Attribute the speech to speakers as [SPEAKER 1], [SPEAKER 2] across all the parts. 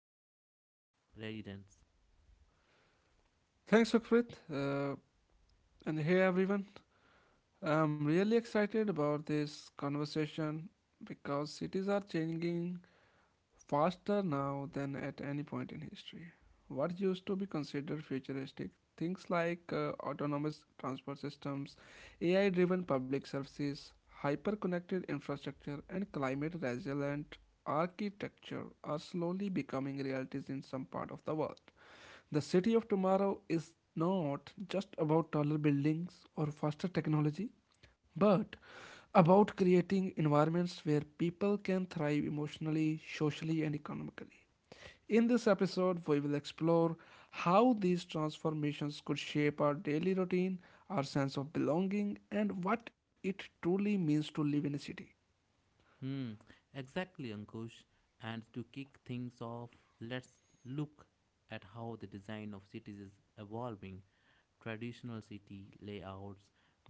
[SPEAKER 1] experience of urban residents.
[SPEAKER 2] Thanks, Sukrit. And hey, everyone. I'm really excited about this conversation because cities are changing faster now than at any point in history what used to be considered futuristic. Things like autonomous transport systems, AI driven public services, hyper connected infrastructure, and climate resilient architecture are slowly becoming realities in some part of the world. The city of tomorrow is not just about taller buildings or faster technology, but about creating environments where people can thrive emotionally, socially, and economically. In this episode, we will explore how these transformations could shape our daily routine, our sense of belonging, and what it truly means to live in a city.
[SPEAKER 1] Hmm, exactly, Ankush. And to kick things off, let's look at how the design of cities is evolving. Traditional city layouts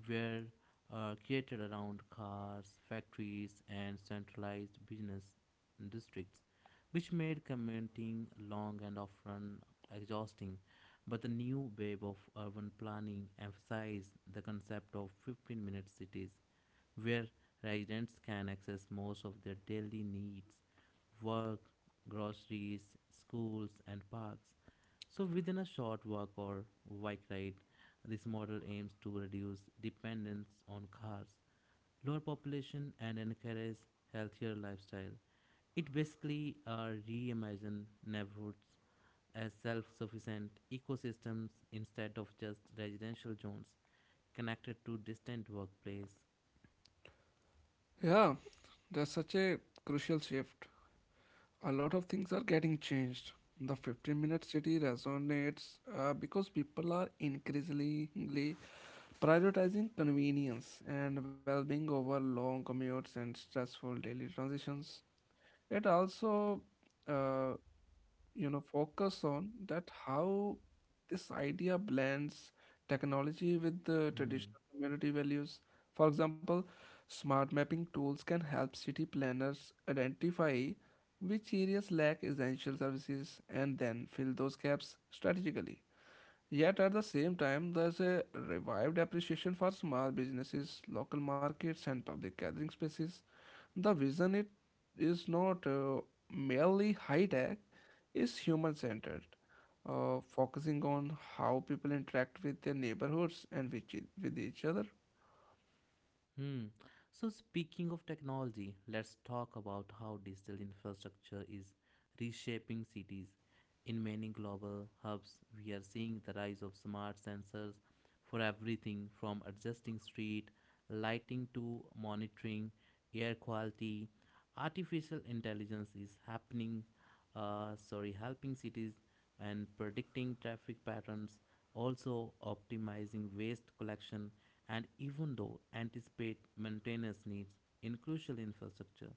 [SPEAKER 1] were created around cars, factories, and centralized business districts, which made commuting long and often exhausting. But the new wave of urban planning emphasized the concept of 15-minute cities where residents can access most of their daily needs, work, groceries, schools, and parks. So, within a short walk or bike ride, this model aims to reduce dependence on cars, lower population, and encourage healthier lifestyle. It basically reimagine neighborhoods as self-sufficient ecosystems instead of just residential zones connected to distant workplace.
[SPEAKER 2] Yeah, that's such a crucial shift. A lot of things are getting changed. The 15-minute minute city resonates because people are increasingly prioritizing convenience and well being over long commutes and stressful daily transitions. It also uh, you know focus on that how this idea blends technology with the
[SPEAKER 1] Hmm.
[SPEAKER 2] traditional community values for example smart mapping tools can help city planners identify which areas lack essential services and then fill those gaps strategically. Yet at the same time, there's a revived appreciation for small businesses, local markets, and public gathering spaces. The vision it is not merely high tech, is human centered, focusing on how people interact with their neighborhoods and with, with each other.
[SPEAKER 1] Hmm. So, speaking of technology, let's talk about how digital infrastructure is reshaping cities. In many global hubs, we are seeing the rise of smart sensors for everything from adjusting street lighting to monitoring air quality. Artificial intelligence is helping cities and predicting traffic patterns, also optimizing waste collection and even though anticipate maintenance needs in crucial infrastructure.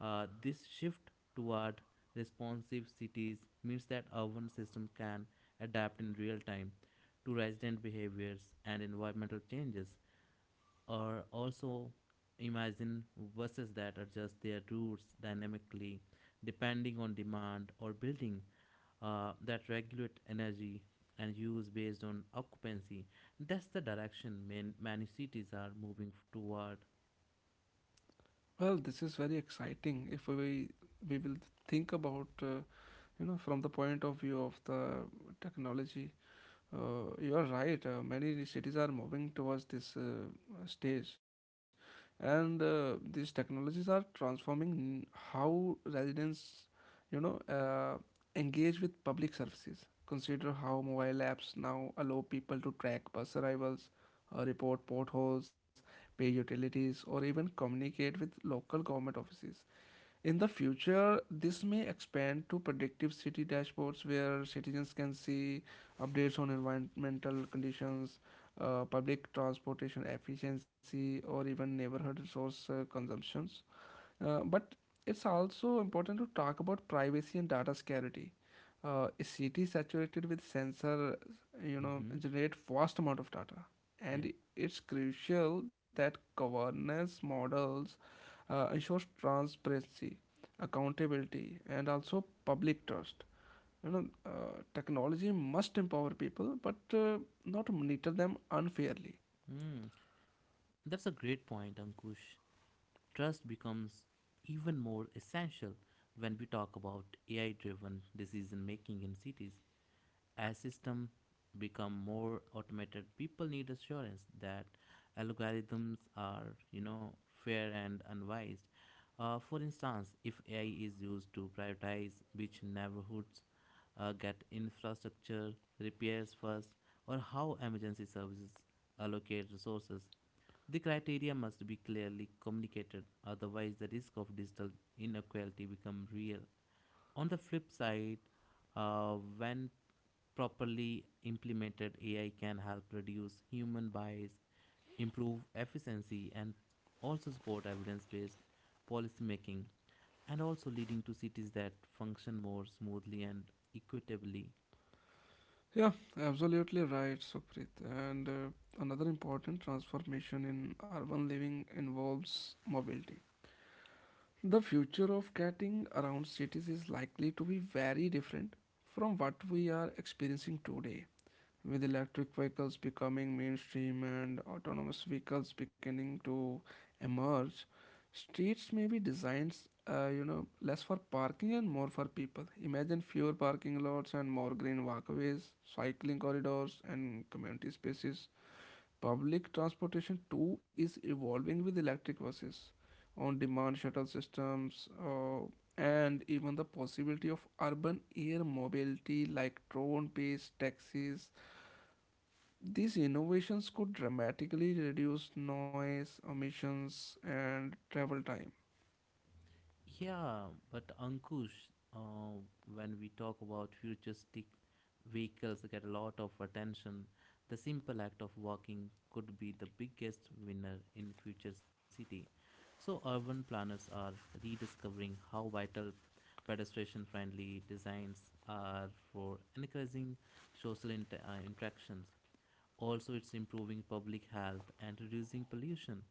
[SPEAKER 1] This shift toward responsive cities means that urban systems can adapt in real time to resident behaviors and environmental changes, or also imagine buses that adjust their routes dynamically depending on demand or building that regulate energy and use based on occupancy. That's the direction many cities are moving toward.
[SPEAKER 2] Well, this is very exciting if we will think about you know from the point of view of the technology. You're right. Many cities are moving towards this stage, and these technologies are transforming how residents, you know, engage with public services. Consider how mobile apps now allow people to track bus arrivals, report potholes, pay utilities, or even communicate with local government offices. In the future, this may expand to predictive city dashboards where citizens can see updates on environmental conditions, public transportation efficiency, or even neighborhood resource consumptions. But it's also important to talk about privacy and data security. A city saturated with sensor you know
[SPEAKER 1] Hmm.
[SPEAKER 2] generate vast amount of data,
[SPEAKER 1] Yeah.
[SPEAKER 2] and it's crucial that governance models ensures transparency, accountability, and also public trust. You know, technology must empower people, but not monitor them unfairly.
[SPEAKER 1] That's a great point, Ankush. Trust becomes even more essential when we talk about AI driven decision making in cities. As systems become more automated, people need assurance that algorithms are, you know, fair and unbiased. For instance, if AI is used to prioritize which neighborhoods get infrastructure repairs first or how emergency services allocate resources, the criteria must be clearly communicated. Otherwise, the risk of digital inequality becomes real. On the flip side, when properly implemented, AI can help reduce human bias, improve efficiency, and also support evidence based policy making and also leading to cities that function more smoothly and equitably.
[SPEAKER 2] Yeah, absolutely right, Sukhrit. And another important transformation in urban living involves mobility. The future of getting around cities is likely to be very different from what we are experiencing today, with electric vehicles becoming mainstream and autonomous vehicles beginning to emerge. Streets may be designed you know less for parking and more for people. Imagine fewer parking lots and more green walkways, cycling corridors, and community spaces. Public transportation too is evolving with electric buses, on demand shuttle systems, and even the possibility of urban air mobility like drone based taxis. These innovations could dramatically reduce noise, emissions, and travel time.
[SPEAKER 1] Yeah, but Ankush, uh, when we talk about futuristic vehicles get a lot of attention, the simple act of walking could be the biggest winner in future city. So urban planners are rediscovering how vital pedestrian friendly designs are for encouraging social interactions. Also, it's improving public health and reducing pollution.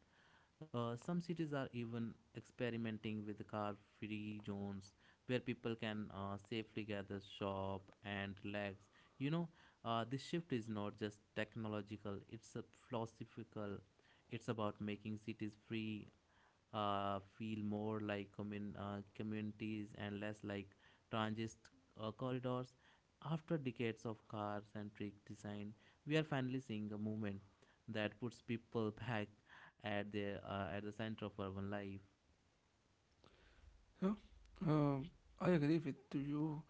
[SPEAKER 1] Some cities are even experimenting with car free zones where people can safely gather, shop, and relax. You know, this shift is not just technological, it's a philosophical. It's about making cities free, feel more like communities and less like transit corridors. After decades of car centric design, we are finally seeing a movement that puts people back at the center of urban life.
[SPEAKER 2] Yeah. Uh, I agree with you.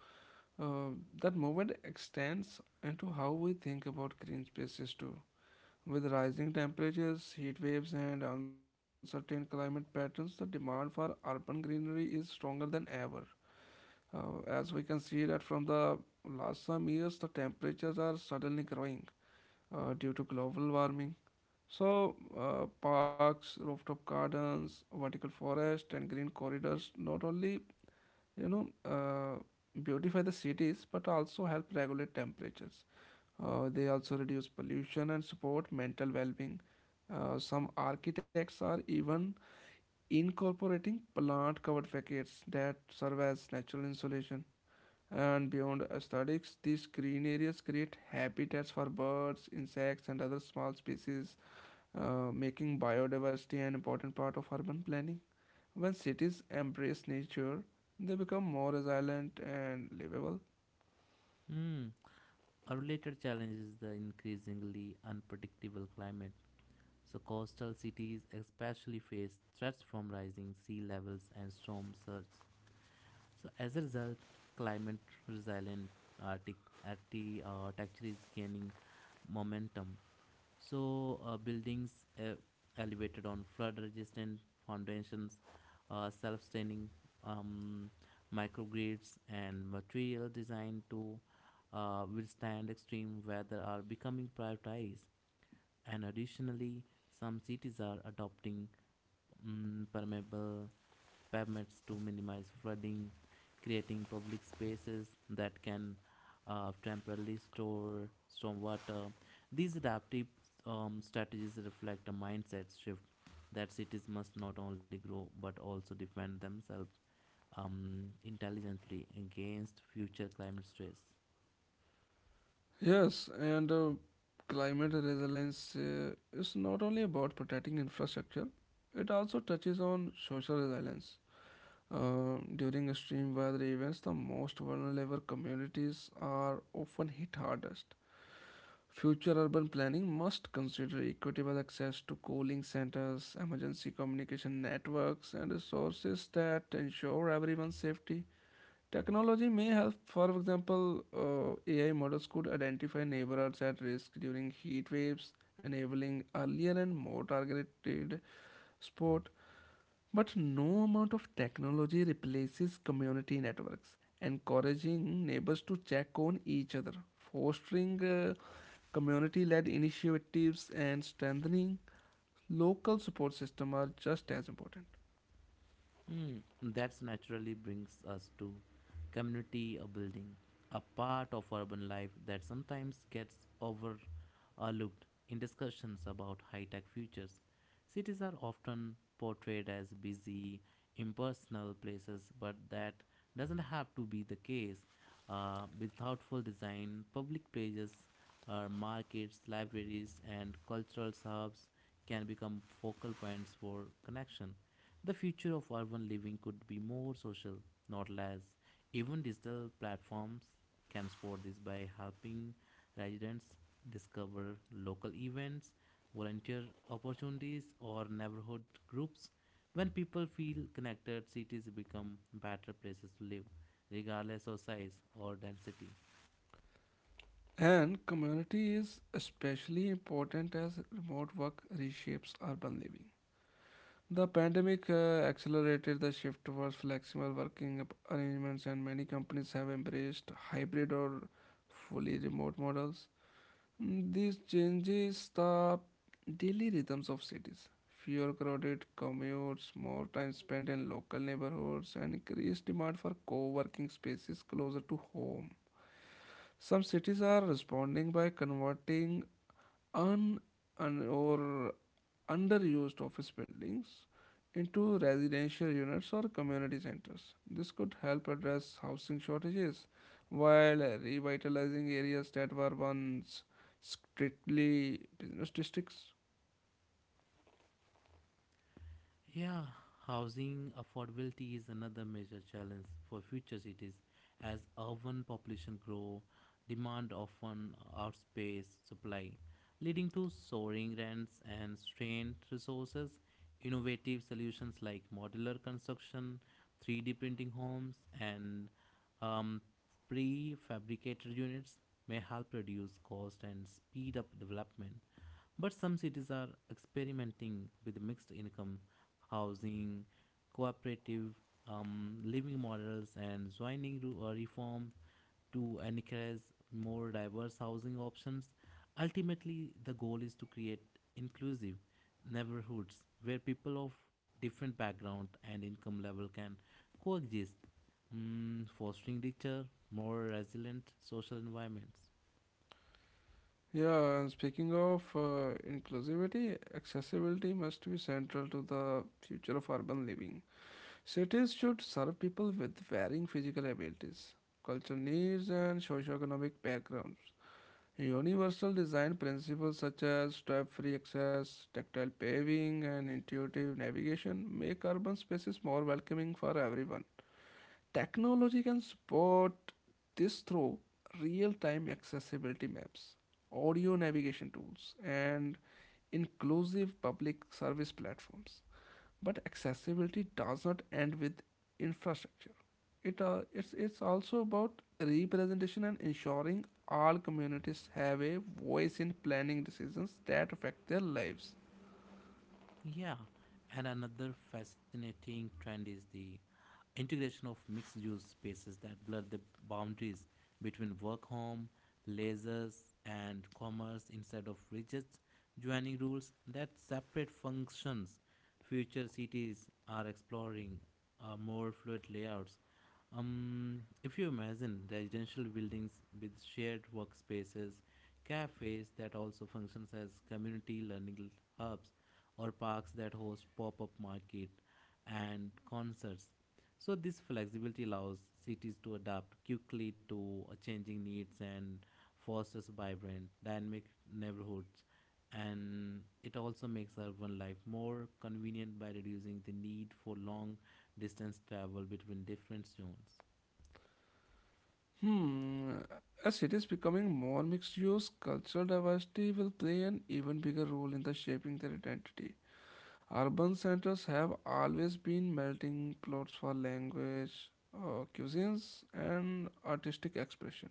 [SPEAKER 2] Uh, that movement extends into how we think about green spaces too. With rising temperatures, heat waves, and uncertain climate patterns, the demand for urban greenery is stronger than ever. As we can see that from the last some years, the temperatures are suddenly growing due to global warming. So, parks, rooftop gardens, vertical forest, and green corridors not only you know beautify the cities but also help regulate temperatures. They also reduce pollution and support mental well-being. Some architects are even incorporating plant covered facades that serve as natural insulation. And beyond aesthetics, these green areas create habitats for birds, insects, and other small species, making biodiversity an important part of urban planning. When cities embrace nature, they become more resilient and livable.
[SPEAKER 1] Hmm. A related challenge is the increasingly unpredictable climate. So coastal cities especially face threats from rising sea levels and storm surges. So as a result, climate resilient architecture, texture is gaining momentum. So buildings elevated on flood-resistant foundations, self-staining um, microgrids, and material designed to withstand extreme weather are becoming prioritized. And additionally, some cities are adopting permeable pavements to minimize flooding, creating public spaces that can temporarily store stormwater. These adaptive strategies reflect a mindset shift that cities must not only grow but also defend themselves intelligently against future climate stress.
[SPEAKER 2] Yes, and climate resilience is not only about protecting infrastructure, it also touches on social resilience. During extreme weather events, the most vulnerable communities are often hit hardest. Future urban planning must consider equitable access to cooling centers, emergency communication networks, and resources that ensure everyone's safety. Technology may help, for example, AI models could identify neighborhoods at risk during heat waves, enabling earlier and more targeted support. But no amount of technology replaces community networks, encouraging neighbors to check on each other, fostering community led initiatives, and strengthening local support system are just as important.
[SPEAKER 1] Mm, that's naturally brings us to community building, a part of urban life that sometimes gets overlooked in discussions about high tech futures. Cities are often portrayed as busy, impersonal places, but that doesn't have to be the case. With thoughtful design, public places, markets, libraries, and cultural hubs can become focal points for connection. The future of urban living could be more social, not less. Even digital platforms can support this by helping residents discover local events, volunteer opportunities, or neighborhood groups. When people feel connected, cities become better places to live, regardless of size or density.
[SPEAKER 2] And community is especially important as remote work reshapes urban living. The pandemic accelerated the shift towards flexible working arrangements, and many companies have embraced hybrid or fully remote models. Mm, these changes the daily rhythms of cities. Fewer crowded commutes, more time spent in local neighborhoods, and increased demand for co working spaces closer to home. Some cities are responding by converting un, un or underused office buildings into residential units or community centers. This could help address housing shortages while revitalizing areas that were once strictly business districts.
[SPEAKER 1] Yeah, housing affordability is another major challenge for future cities. As urban population grow, demand often outpaces supply, leading to soaring rents and strained resources. Innovative solutions like modular construction, 3D printing homes, and um, prefabricated units may help reduce cost and speed up development. But some cities are experimenting with mixed income housing, cooperative living models, and joining reform to encourage more diverse housing options. Ultimately, the goal is to create inclusive neighborhoods where people of different background and income level can coexist, mm, fostering richer, more resilient social environments.
[SPEAKER 2] Yeah, and speaking of inclusivity, accessibility must be central to the future of urban living. Cities should serve people with varying physical abilities, cultural needs, and socioeconomic backgrounds. Universal design principles such as step free access, tactile paving, and intuitive navigation make urban spaces more welcoming for everyone. Technology can support this through real time accessibility maps, audio navigation tools, and inclusive public service platforms. But accessibility does not end with infrastructure. It's also about representation and ensuring all communities have a voice in planning decisions that affect their lives.
[SPEAKER 1] Yeah, and another fascinating trend is the integration of mixed use spaces that blur the boundaries between work home leisures and commerce instead of rigid joining rules that separate functions. Future cities are exploring more fluid layouts. If you imagine residential buildings with shared workspaces, cafes that also functions as community learning hubs, or parks that host pop-up market and concerts. So this flexibility allows cities to adapt quickly to changing needs and fosters vibrant, dynamic neighborhoods, and it also makes urban life more convenient by reducing the need for long distance travel between different zones.
[SPEAKER 2] Hmm, as cities becoming more mixed use, cultural diversity will play an even bigger role in the shaping their identity. Urban centers have always been melting plots for language, cuisines, and artistic expression.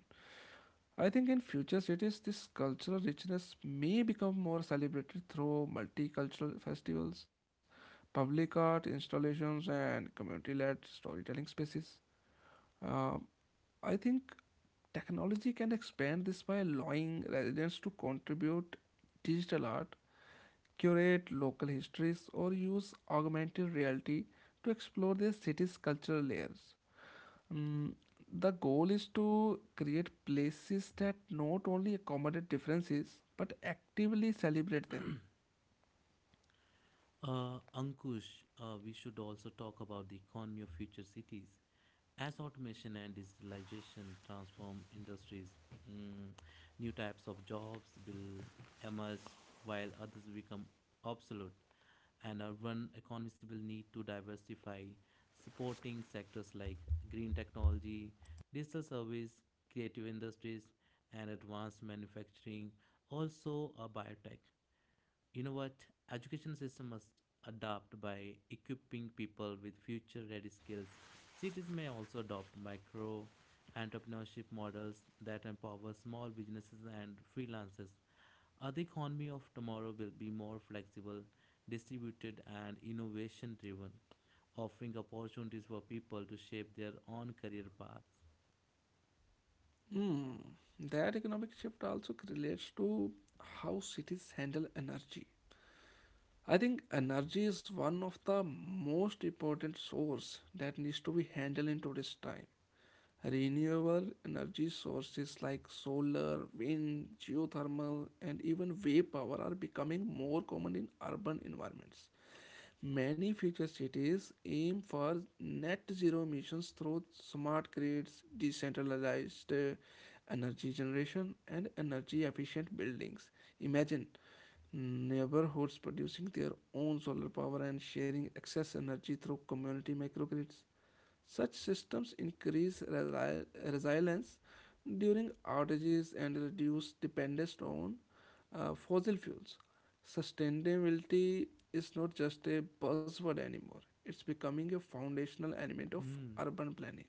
[SPEAKER 2] I think in future cities, this cultural richness may become more celebrated through multicultural festivals, public art installations, and community led storytelling spaces. Uh, I think technology can expand this by allowing residents to contribute digital art, curate local histories, or use augmented reality to explore their city's cultural layers. Mm, the goal is to create places that not only accommodate differences but actively celebrate them.
[SPEAKER 1] Ankush, we should also talk about the economy of future cities. As automation and digitalization transform industries, mm, new types of jobs will emerge while others become obsolete, and urban economies will need to diversify, supporting sectors like green technology, digital service, creative industries, and advanced manufacturing, also a biotech. You know what, education system must adopt by equipping people with future ready skills. Cities may also adopt micro entrepreneurship models that empower small businesses and freelancers. Uh, the economy of tomorrow will be more flexible, distributed and innovation driven, offering opportunities for people to shape their own career paths.
[SPEAKER 2] That economic shift also relates to how cities handle energy. I think energy is one of the most important source that needs to be handled in today's time. Renewable energy sources like solar, wind, geothermal, and even wave power are becoming more common in urban environments. Many future cities aim for net zero emissions through smart grids, decentralized energy generation, and energy efficient buildings. Imagine neighborhoods producing their own solar power and sharing excess energy through community microgrids. Such systems increase resilience during outages and reduce dependence on fossil fuels. Sustainability is not just a buzzword anymore, it's becoming a foundational element of
[SPEAKER 1] Hmm.
[SPEAKER 2] urban planning.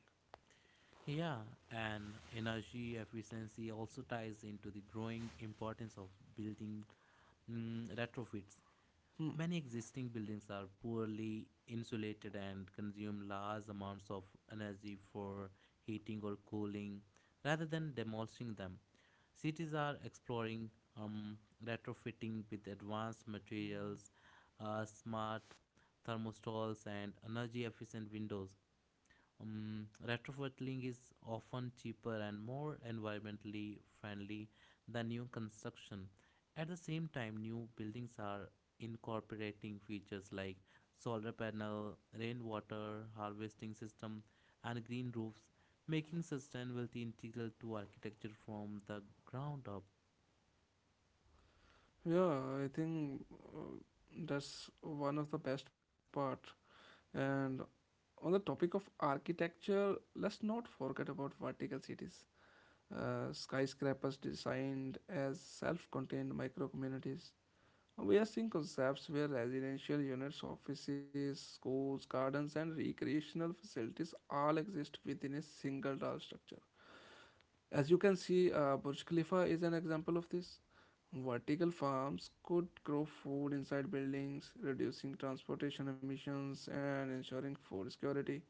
[SPEAKER 1] Yeah, and energy efficiency also ties into the growing importance of building, mm, retrofits.
[SPEAKER 2] Hmm.
[SPEAKER 1] Many existing buildings are poorly insulated and consume large amounts of energy for heating or cooling. Rather than demolishing them, cities are exploring um, retrofitting with advanced materials, smart thermostals, and energy efficient windows. Retrofitting is often cheaper and more environmentally friendly than new construction. At the same time, new buildings are incorporating features like solar panel, rainwater harvesting system, and green roofs, making sustainability integral to architecture from the ground up.
[SPEAKER 2] Yeah, I think uh, that's one of the best part. And on the topic of architecture, let's not forget about vertical cities. Skyscrapers designed as self contained micro communities. We are seeing concepts where residential units, offices, schools, gardens, and recreational facilities all exist within a single tall structure. As you can see, Burj Khalifa is an example of this. Vertical farms could grow food inside buildings, reducing transportation emissions and ensuring food security.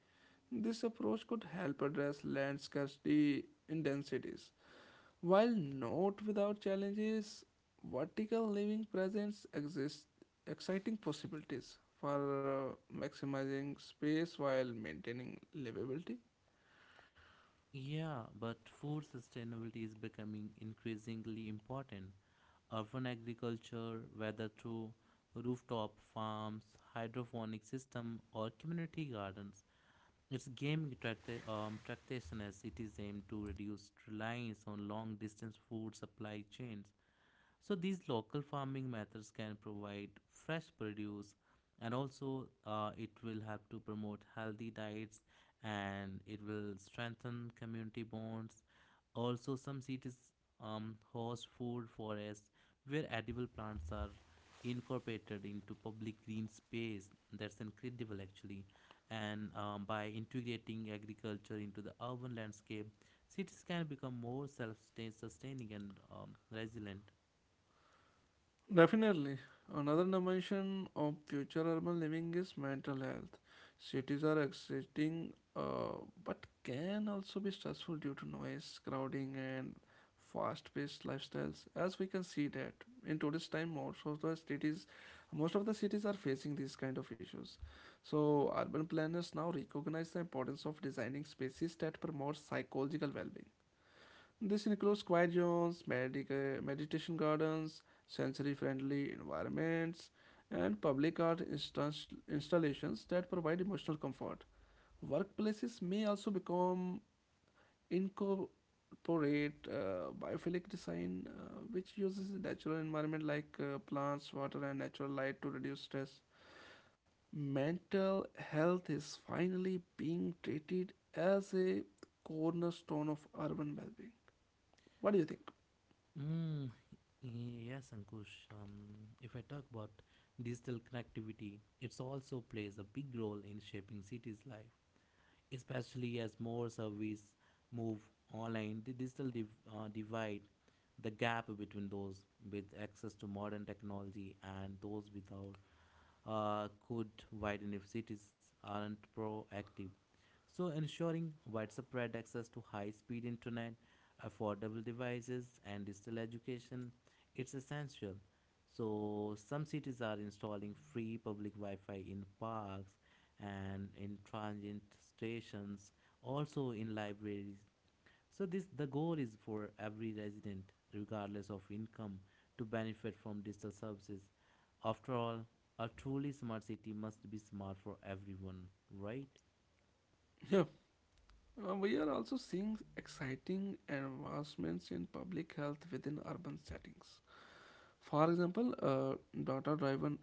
[SPEAKER 2] This approach could help address land scarcity in dense cities. While not without challenges, vertical living presents exist exciting possibilities for maximizing space while maintaining livability.
[SPEAKER 1] Yeah, but food sustainability is becoming increasingly important. Urban agriculture, whether through rooftop farms, hydroponic system, or community gardens, it's gaining traction as it is aimed to reduce reliance on long-distance food supply chains. So these local farming methods can provide fresh produce and also it will help to promote healthy diets and it will strengthen community bonds. Also some cities host food forests where edible plants are incorporated into public green space. That's incredible actually. And by integrating agriculture into the urban landscape, cities can become more self-sustaining and resilient.
[SPEAKER 2] Definitely. Another dimension of future urban living is mental health. Cities are exciting, but can also be stressful due to noise, crowding, and fast-paced lifestyles. As we can see that in today's time, most of the cities are facing these kind of issues. So urban planners now recognize the importance of designing spaces that promote psychological well-being. This includes quiet zones, meditation gardens, sensory friendly environments, and public art installations that provide emotional comfort. Workplaces may also become incorporate biophilic design, which uses natural environment like plants, water, and natural light to reduce stress. Mental health is finally being treated as a cornerstone of urban well being. What do you think?
[SPEAKER 1] Mm, yes, Ankush. If I talk about digital connectivity, it also plays a big role in shaping cities' life, especially as more services move online. The divide, the gap between those with access to modern technology and those without could widen if cities aren't proactive. So, ensuring widespread access to high speed internet, affordable devices, and digital education, it's essential. So, some cities are installing free public Wi Fi in parks and in transit stations, also in libraries. So this the goal is for every resident, regardless of income, to benefit from digital services. After all, a truly smart city must be smart for everyone, right?
[SPEAKER 2] Yeah. We are also seeing exciting advancements in public health within urban settings. For example, data driven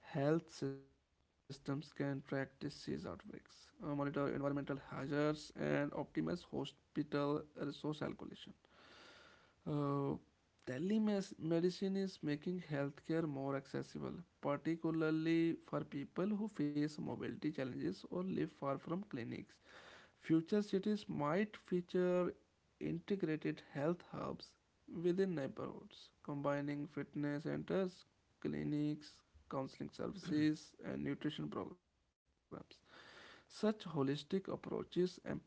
[SPEAKER 2] health systems can track disease outbreaks, monitor environmental hazards, and optimize hospital resource allocation. Uh, Telemedicine is making healthcare more accessible, particularly for people who face mobility challenges or live far from clinics. Future cities might feature integrated health hubs within neighborhoods, combining fitness centers, clinics, counseling services, and nutrition programs. Such holistic approaches emphasize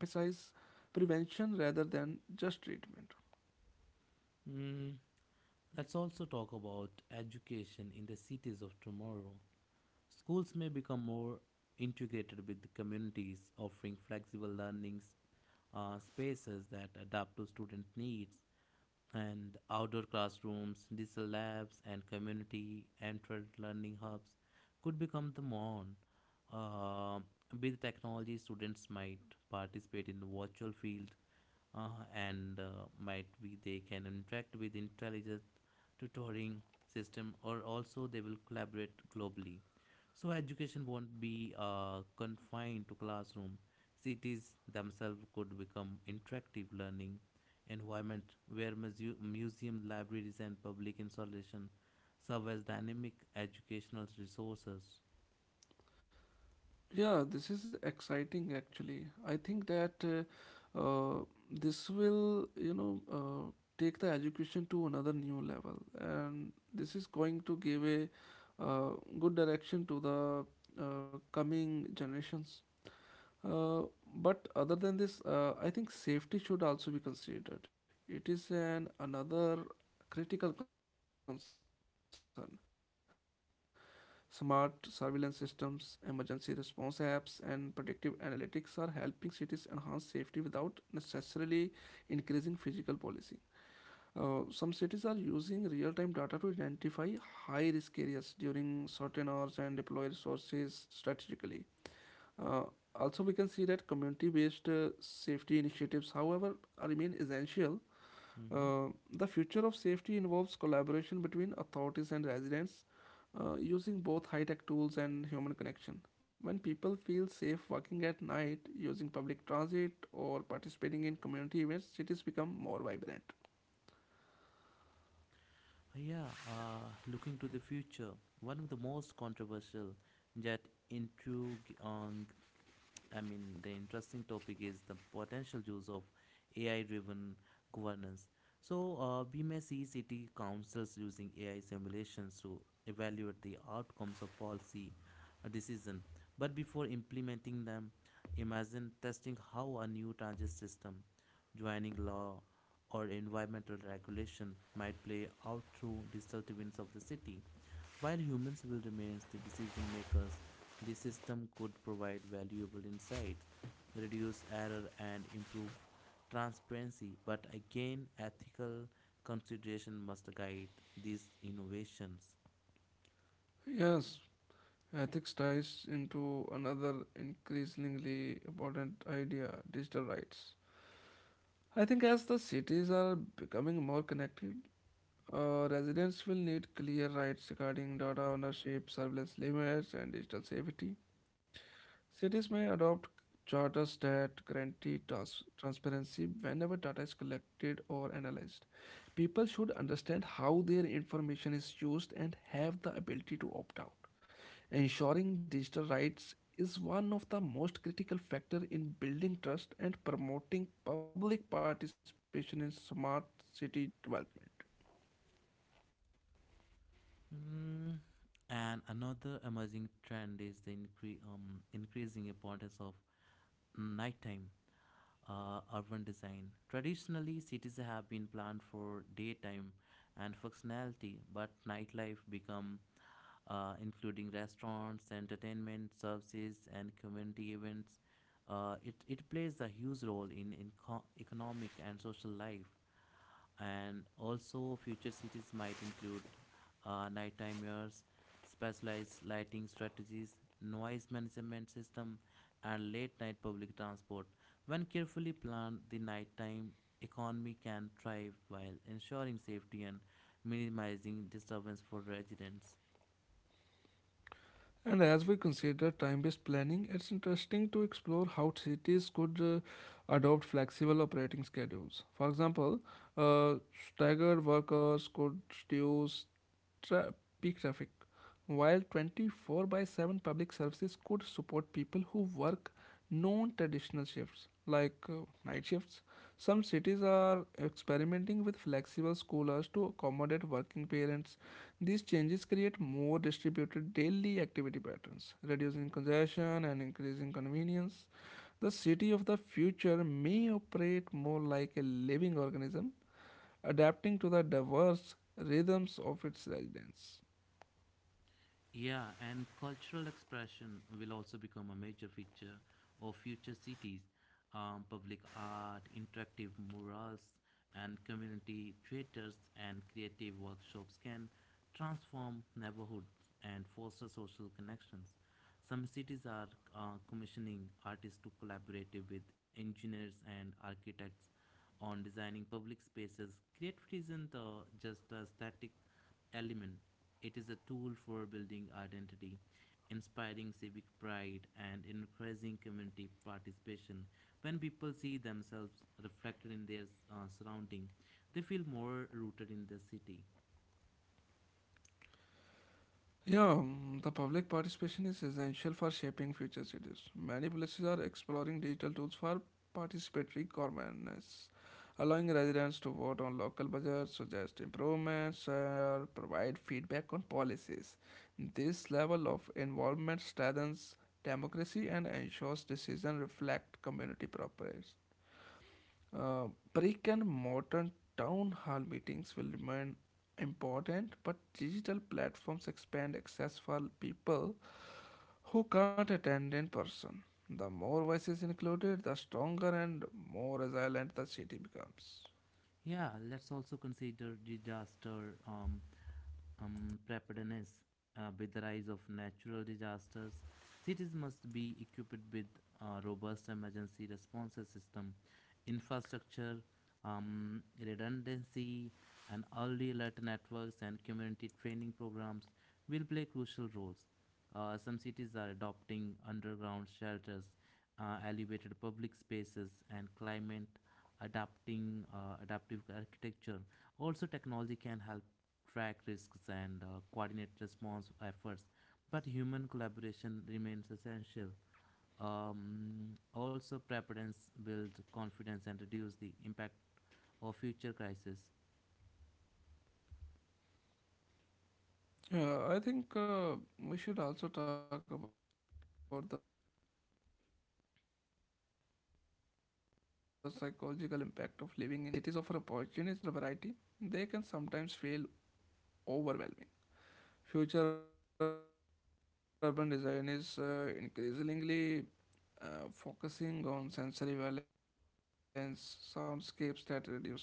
[SPEAKER 2] prevention rather than just treatment.
[SPEAKER 1] Mm, let's also talk about education in the cities of tomorrow. Schools may become more integrated with the communities, offering flexible spaces that adapt to student needs, and outdoor classrooms, digital labs, and community entered learning hubs could become the norm. Uh, with technology, students might participate in the virtual field, uh, and might be they can interact with intelligent tutoring system or also they will collaborate globally, so education won't be confined to classroom. Cities themselves could become interactive learning environment where museum, libraries, and public installation serve as dynamic educational resources.
[SPEAKER 2] Yeah, this is exciting actually. I think that uh, uh, this will, you know, take the education to another new level, and this is going to give a uh, good direction to the coming generations. Uh, but other than this, I think safety should also be considered. It is an another critical concern. Smart surveillance systems, emergency response apps, and predictive analytics are helping cities enhance safety without necessarily increasing physical policing. Some cities are using real time data to identify high risk areas during certain hours and deploy resources strategically. Uh, Also, we can see that community based safety initiatives, however, remain essential. Uh, the
[SPEAKER 1] Mhm.
[SPEAKER 2] future of safety involves collaboration between authorities and residents, using both high tech tools and human connection. When people feel safe walking at night, using public transit, or participating in community events, cities become more vibrant.
[SPEAKER 1] Yeah, looking to the future, one of the most controversial yet intriguing, I mean, the interesting topic is the potential use of AI-driven governance. So we may see city councils using AI simulations to evaluate the outcomes of policy decision. But before implementing them, imagine testing how a new transit system joining law or environmental regulation might play out through digital twins of the city. While humans will remain the decision makers, the system could provide valuable insights, reduce error, and improve transparency. But again, ethical consideration must guide these innovations.
[SPEAKER 2] Yes, ethics ties into another increasingly important idea digital rights. I think as the cities are becoming more connected, residents will need clear rights regarding data ownership, surveillance limits, and digital safety. Cities may adopt charters that guarantee transparency whenever data is collected or analyzed. People should understand how their information is used and have the ability to opt out. Ensuring digital rights is one of the most critical factors in building trust and promoting public participation in smart city development.
[SPEAKER 1] Mm, and another emerging trend is the increasing importance of nighttime urban design. Traditionally, cities have been planned for daytime and functionality, but nightlife become including restaurants, entertainment services, and community events. It plays a huge role in, economic and social life, and also future cities might include nighttime mirrors, specialized lighting strategies, noise management system and late night public transport. When carefully planned, the nighttime economy can thrive while ensuring safety and minimizing disturbance for residents.
[SPEAKER 2] And as we consider time based planning, it's interesting to explore how cities could adopt flexible operating schedules. For example, uh, staggered workers could reduce tra- peak traffic, while 24 by 7 public services could support people who work non traditional shifts like night shifts. Some cities are experimenting with flexible school hours to accommodate working parents. These changes create more distributed daily activity patterns, reducing congestion and increasing convenience. The city of the future may operate more like a living organism, adapting to the diverse rhythms of its residents.
[SPEAKER 1] Yeah, and cultural expression will also become a major feature of future cities. Public art, interactive murals, and community theaters and creative workshops can transform neighborhoods and foster social connections. Some cities are commissioning artists to collaborate with engineers and architects on designing public spaces. Creativity isn't just an aesthetic element, it is a tool for building identity, inspiring civic pride, and encouraging community participation. When people see themselves reflected in their surrounding, they feel more rooted in the city.
[SPEAKER 2] Yeah, the public participation is essential for shaping future cities. Many places are exploring digital tools for participatory governance, allowing residents to vote on local budgets, suggest improvements, or provide feedback on policies. This level of involvement strengthens democracy and ensures decisions reflect community progress. Uh, Brick and modern town hall meetings will remain important, but digital platforms expand access for people who can't attend in person. The more voices included, the stronger and more resilient the city becomes.
[SPEAKER 1] Yeah, let's also consider disaster unpreparedness. With the rise of natural disasters, cities must be equipped with a robust emergency response system, infrastructure, redundancy, and early alert networks and community training programs will play crucial roles. Some cities are adopting underground shelters, elevated public spaces and climate adapting adaptive architecture. Also technology can help track risks and coordinate response efforts, but human collaboration remains essential. Also preparedness builds confidence and reduce the impact of future crises.
[SPEAKER 2] Yeah, I think we should also talk about the psychological impact of living in dense urban environments. While cities offer opportunities and cultural variety, they can sometimes feel overwhelming. Future urban design is increasingly focusing on sensory balance, soundscapes that reduce noise pollution,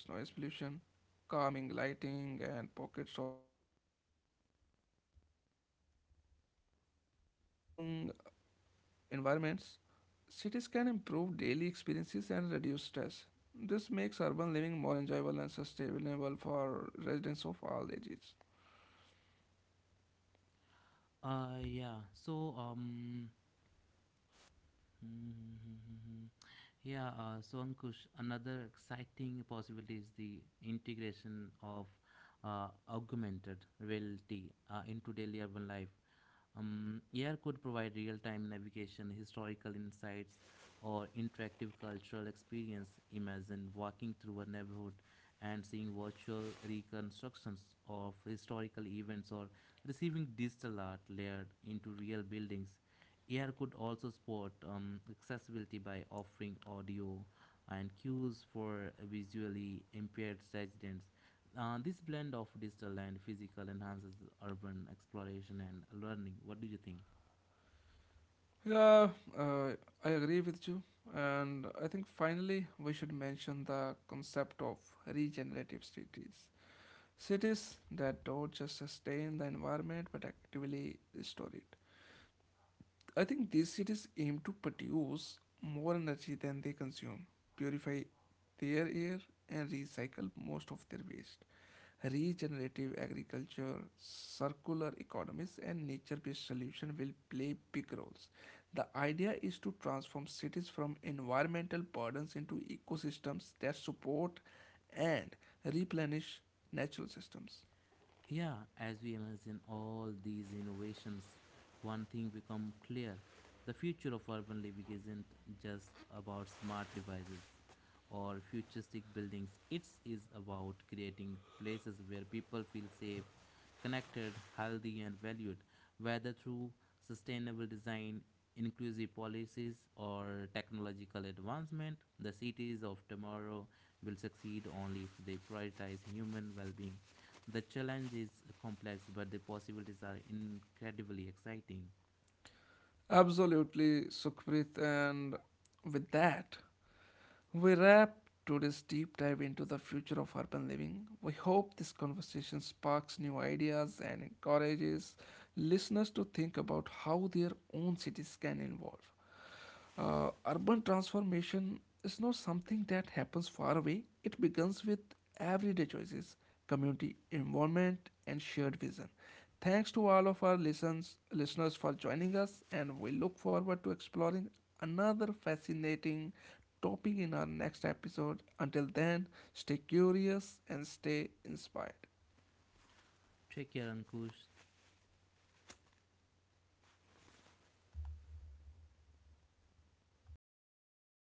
[SPEAKER 2] calming lighting, and pockets of serenity with busy zones. By incorporating calming environments, cities can improve daily experiences and reduce stress. This makes urban living more enjoyable and sustainable for residents of all ages.
[SPEAKER 1] uh yeah so um Mhm. Yeah, so Ankush, another exciting possibility is the integration of augmented reality into daily urban life. AR could provide real time navigation, historical insights, or interactive cultural experience. Imagine walking through a neighborhood and seeing virtual reconstructions of historical events or receiving digital art layered into real buildings. AR could also support accessibility by offering audio and cues for visually impaired residents. This blend of digital and physical enhances urban exploration and learning. What do you think?
[SPEAKER 2] Yeah, uh, I agree with you. And I think finally we should mention the concept of regenerative cities. Cities that don't just sustain the environment but actively restore it. I think these cities aim to produce more energy than they consume, purify their air, and recycle most of their waste. Regenerative agriculture, circular economies, and nature based solutions will play big roles. The idea is to transform cities from environmental burdens into ecosystems that support and replenish natural systems.
[SPEAKER 1] Yeah, as we imagine all these innovations, one thing become clear. The future of urban living isn't just about smart devices or futuristic buildings. It is about creating places where people feel safe, connected, healthy and valued, whether through sustainable design, inclusive policies or technological advancement. The cities of tomorrow will succeed only if they prioritize human well-being. The challenge is complex, but the possibilities are incredibly exciting.
[SPEAKER 2] Absolutely, Sukhpreet. And with that, we wrap today's deep dive into the future of urban living. We hope this conversation sparks new ideas and encourages listeners to think about how their own cities can evolve. Urban transformation is not something that happens far away. It begins with everyday choices, community involvement, and shared vision. Thanks to all of our listeners for joining us, and we look forward to exploring another fascinating topic in our next episode. Until then, stay curious and stay inspired.
[SPEAKER 1] Take care, Ankush.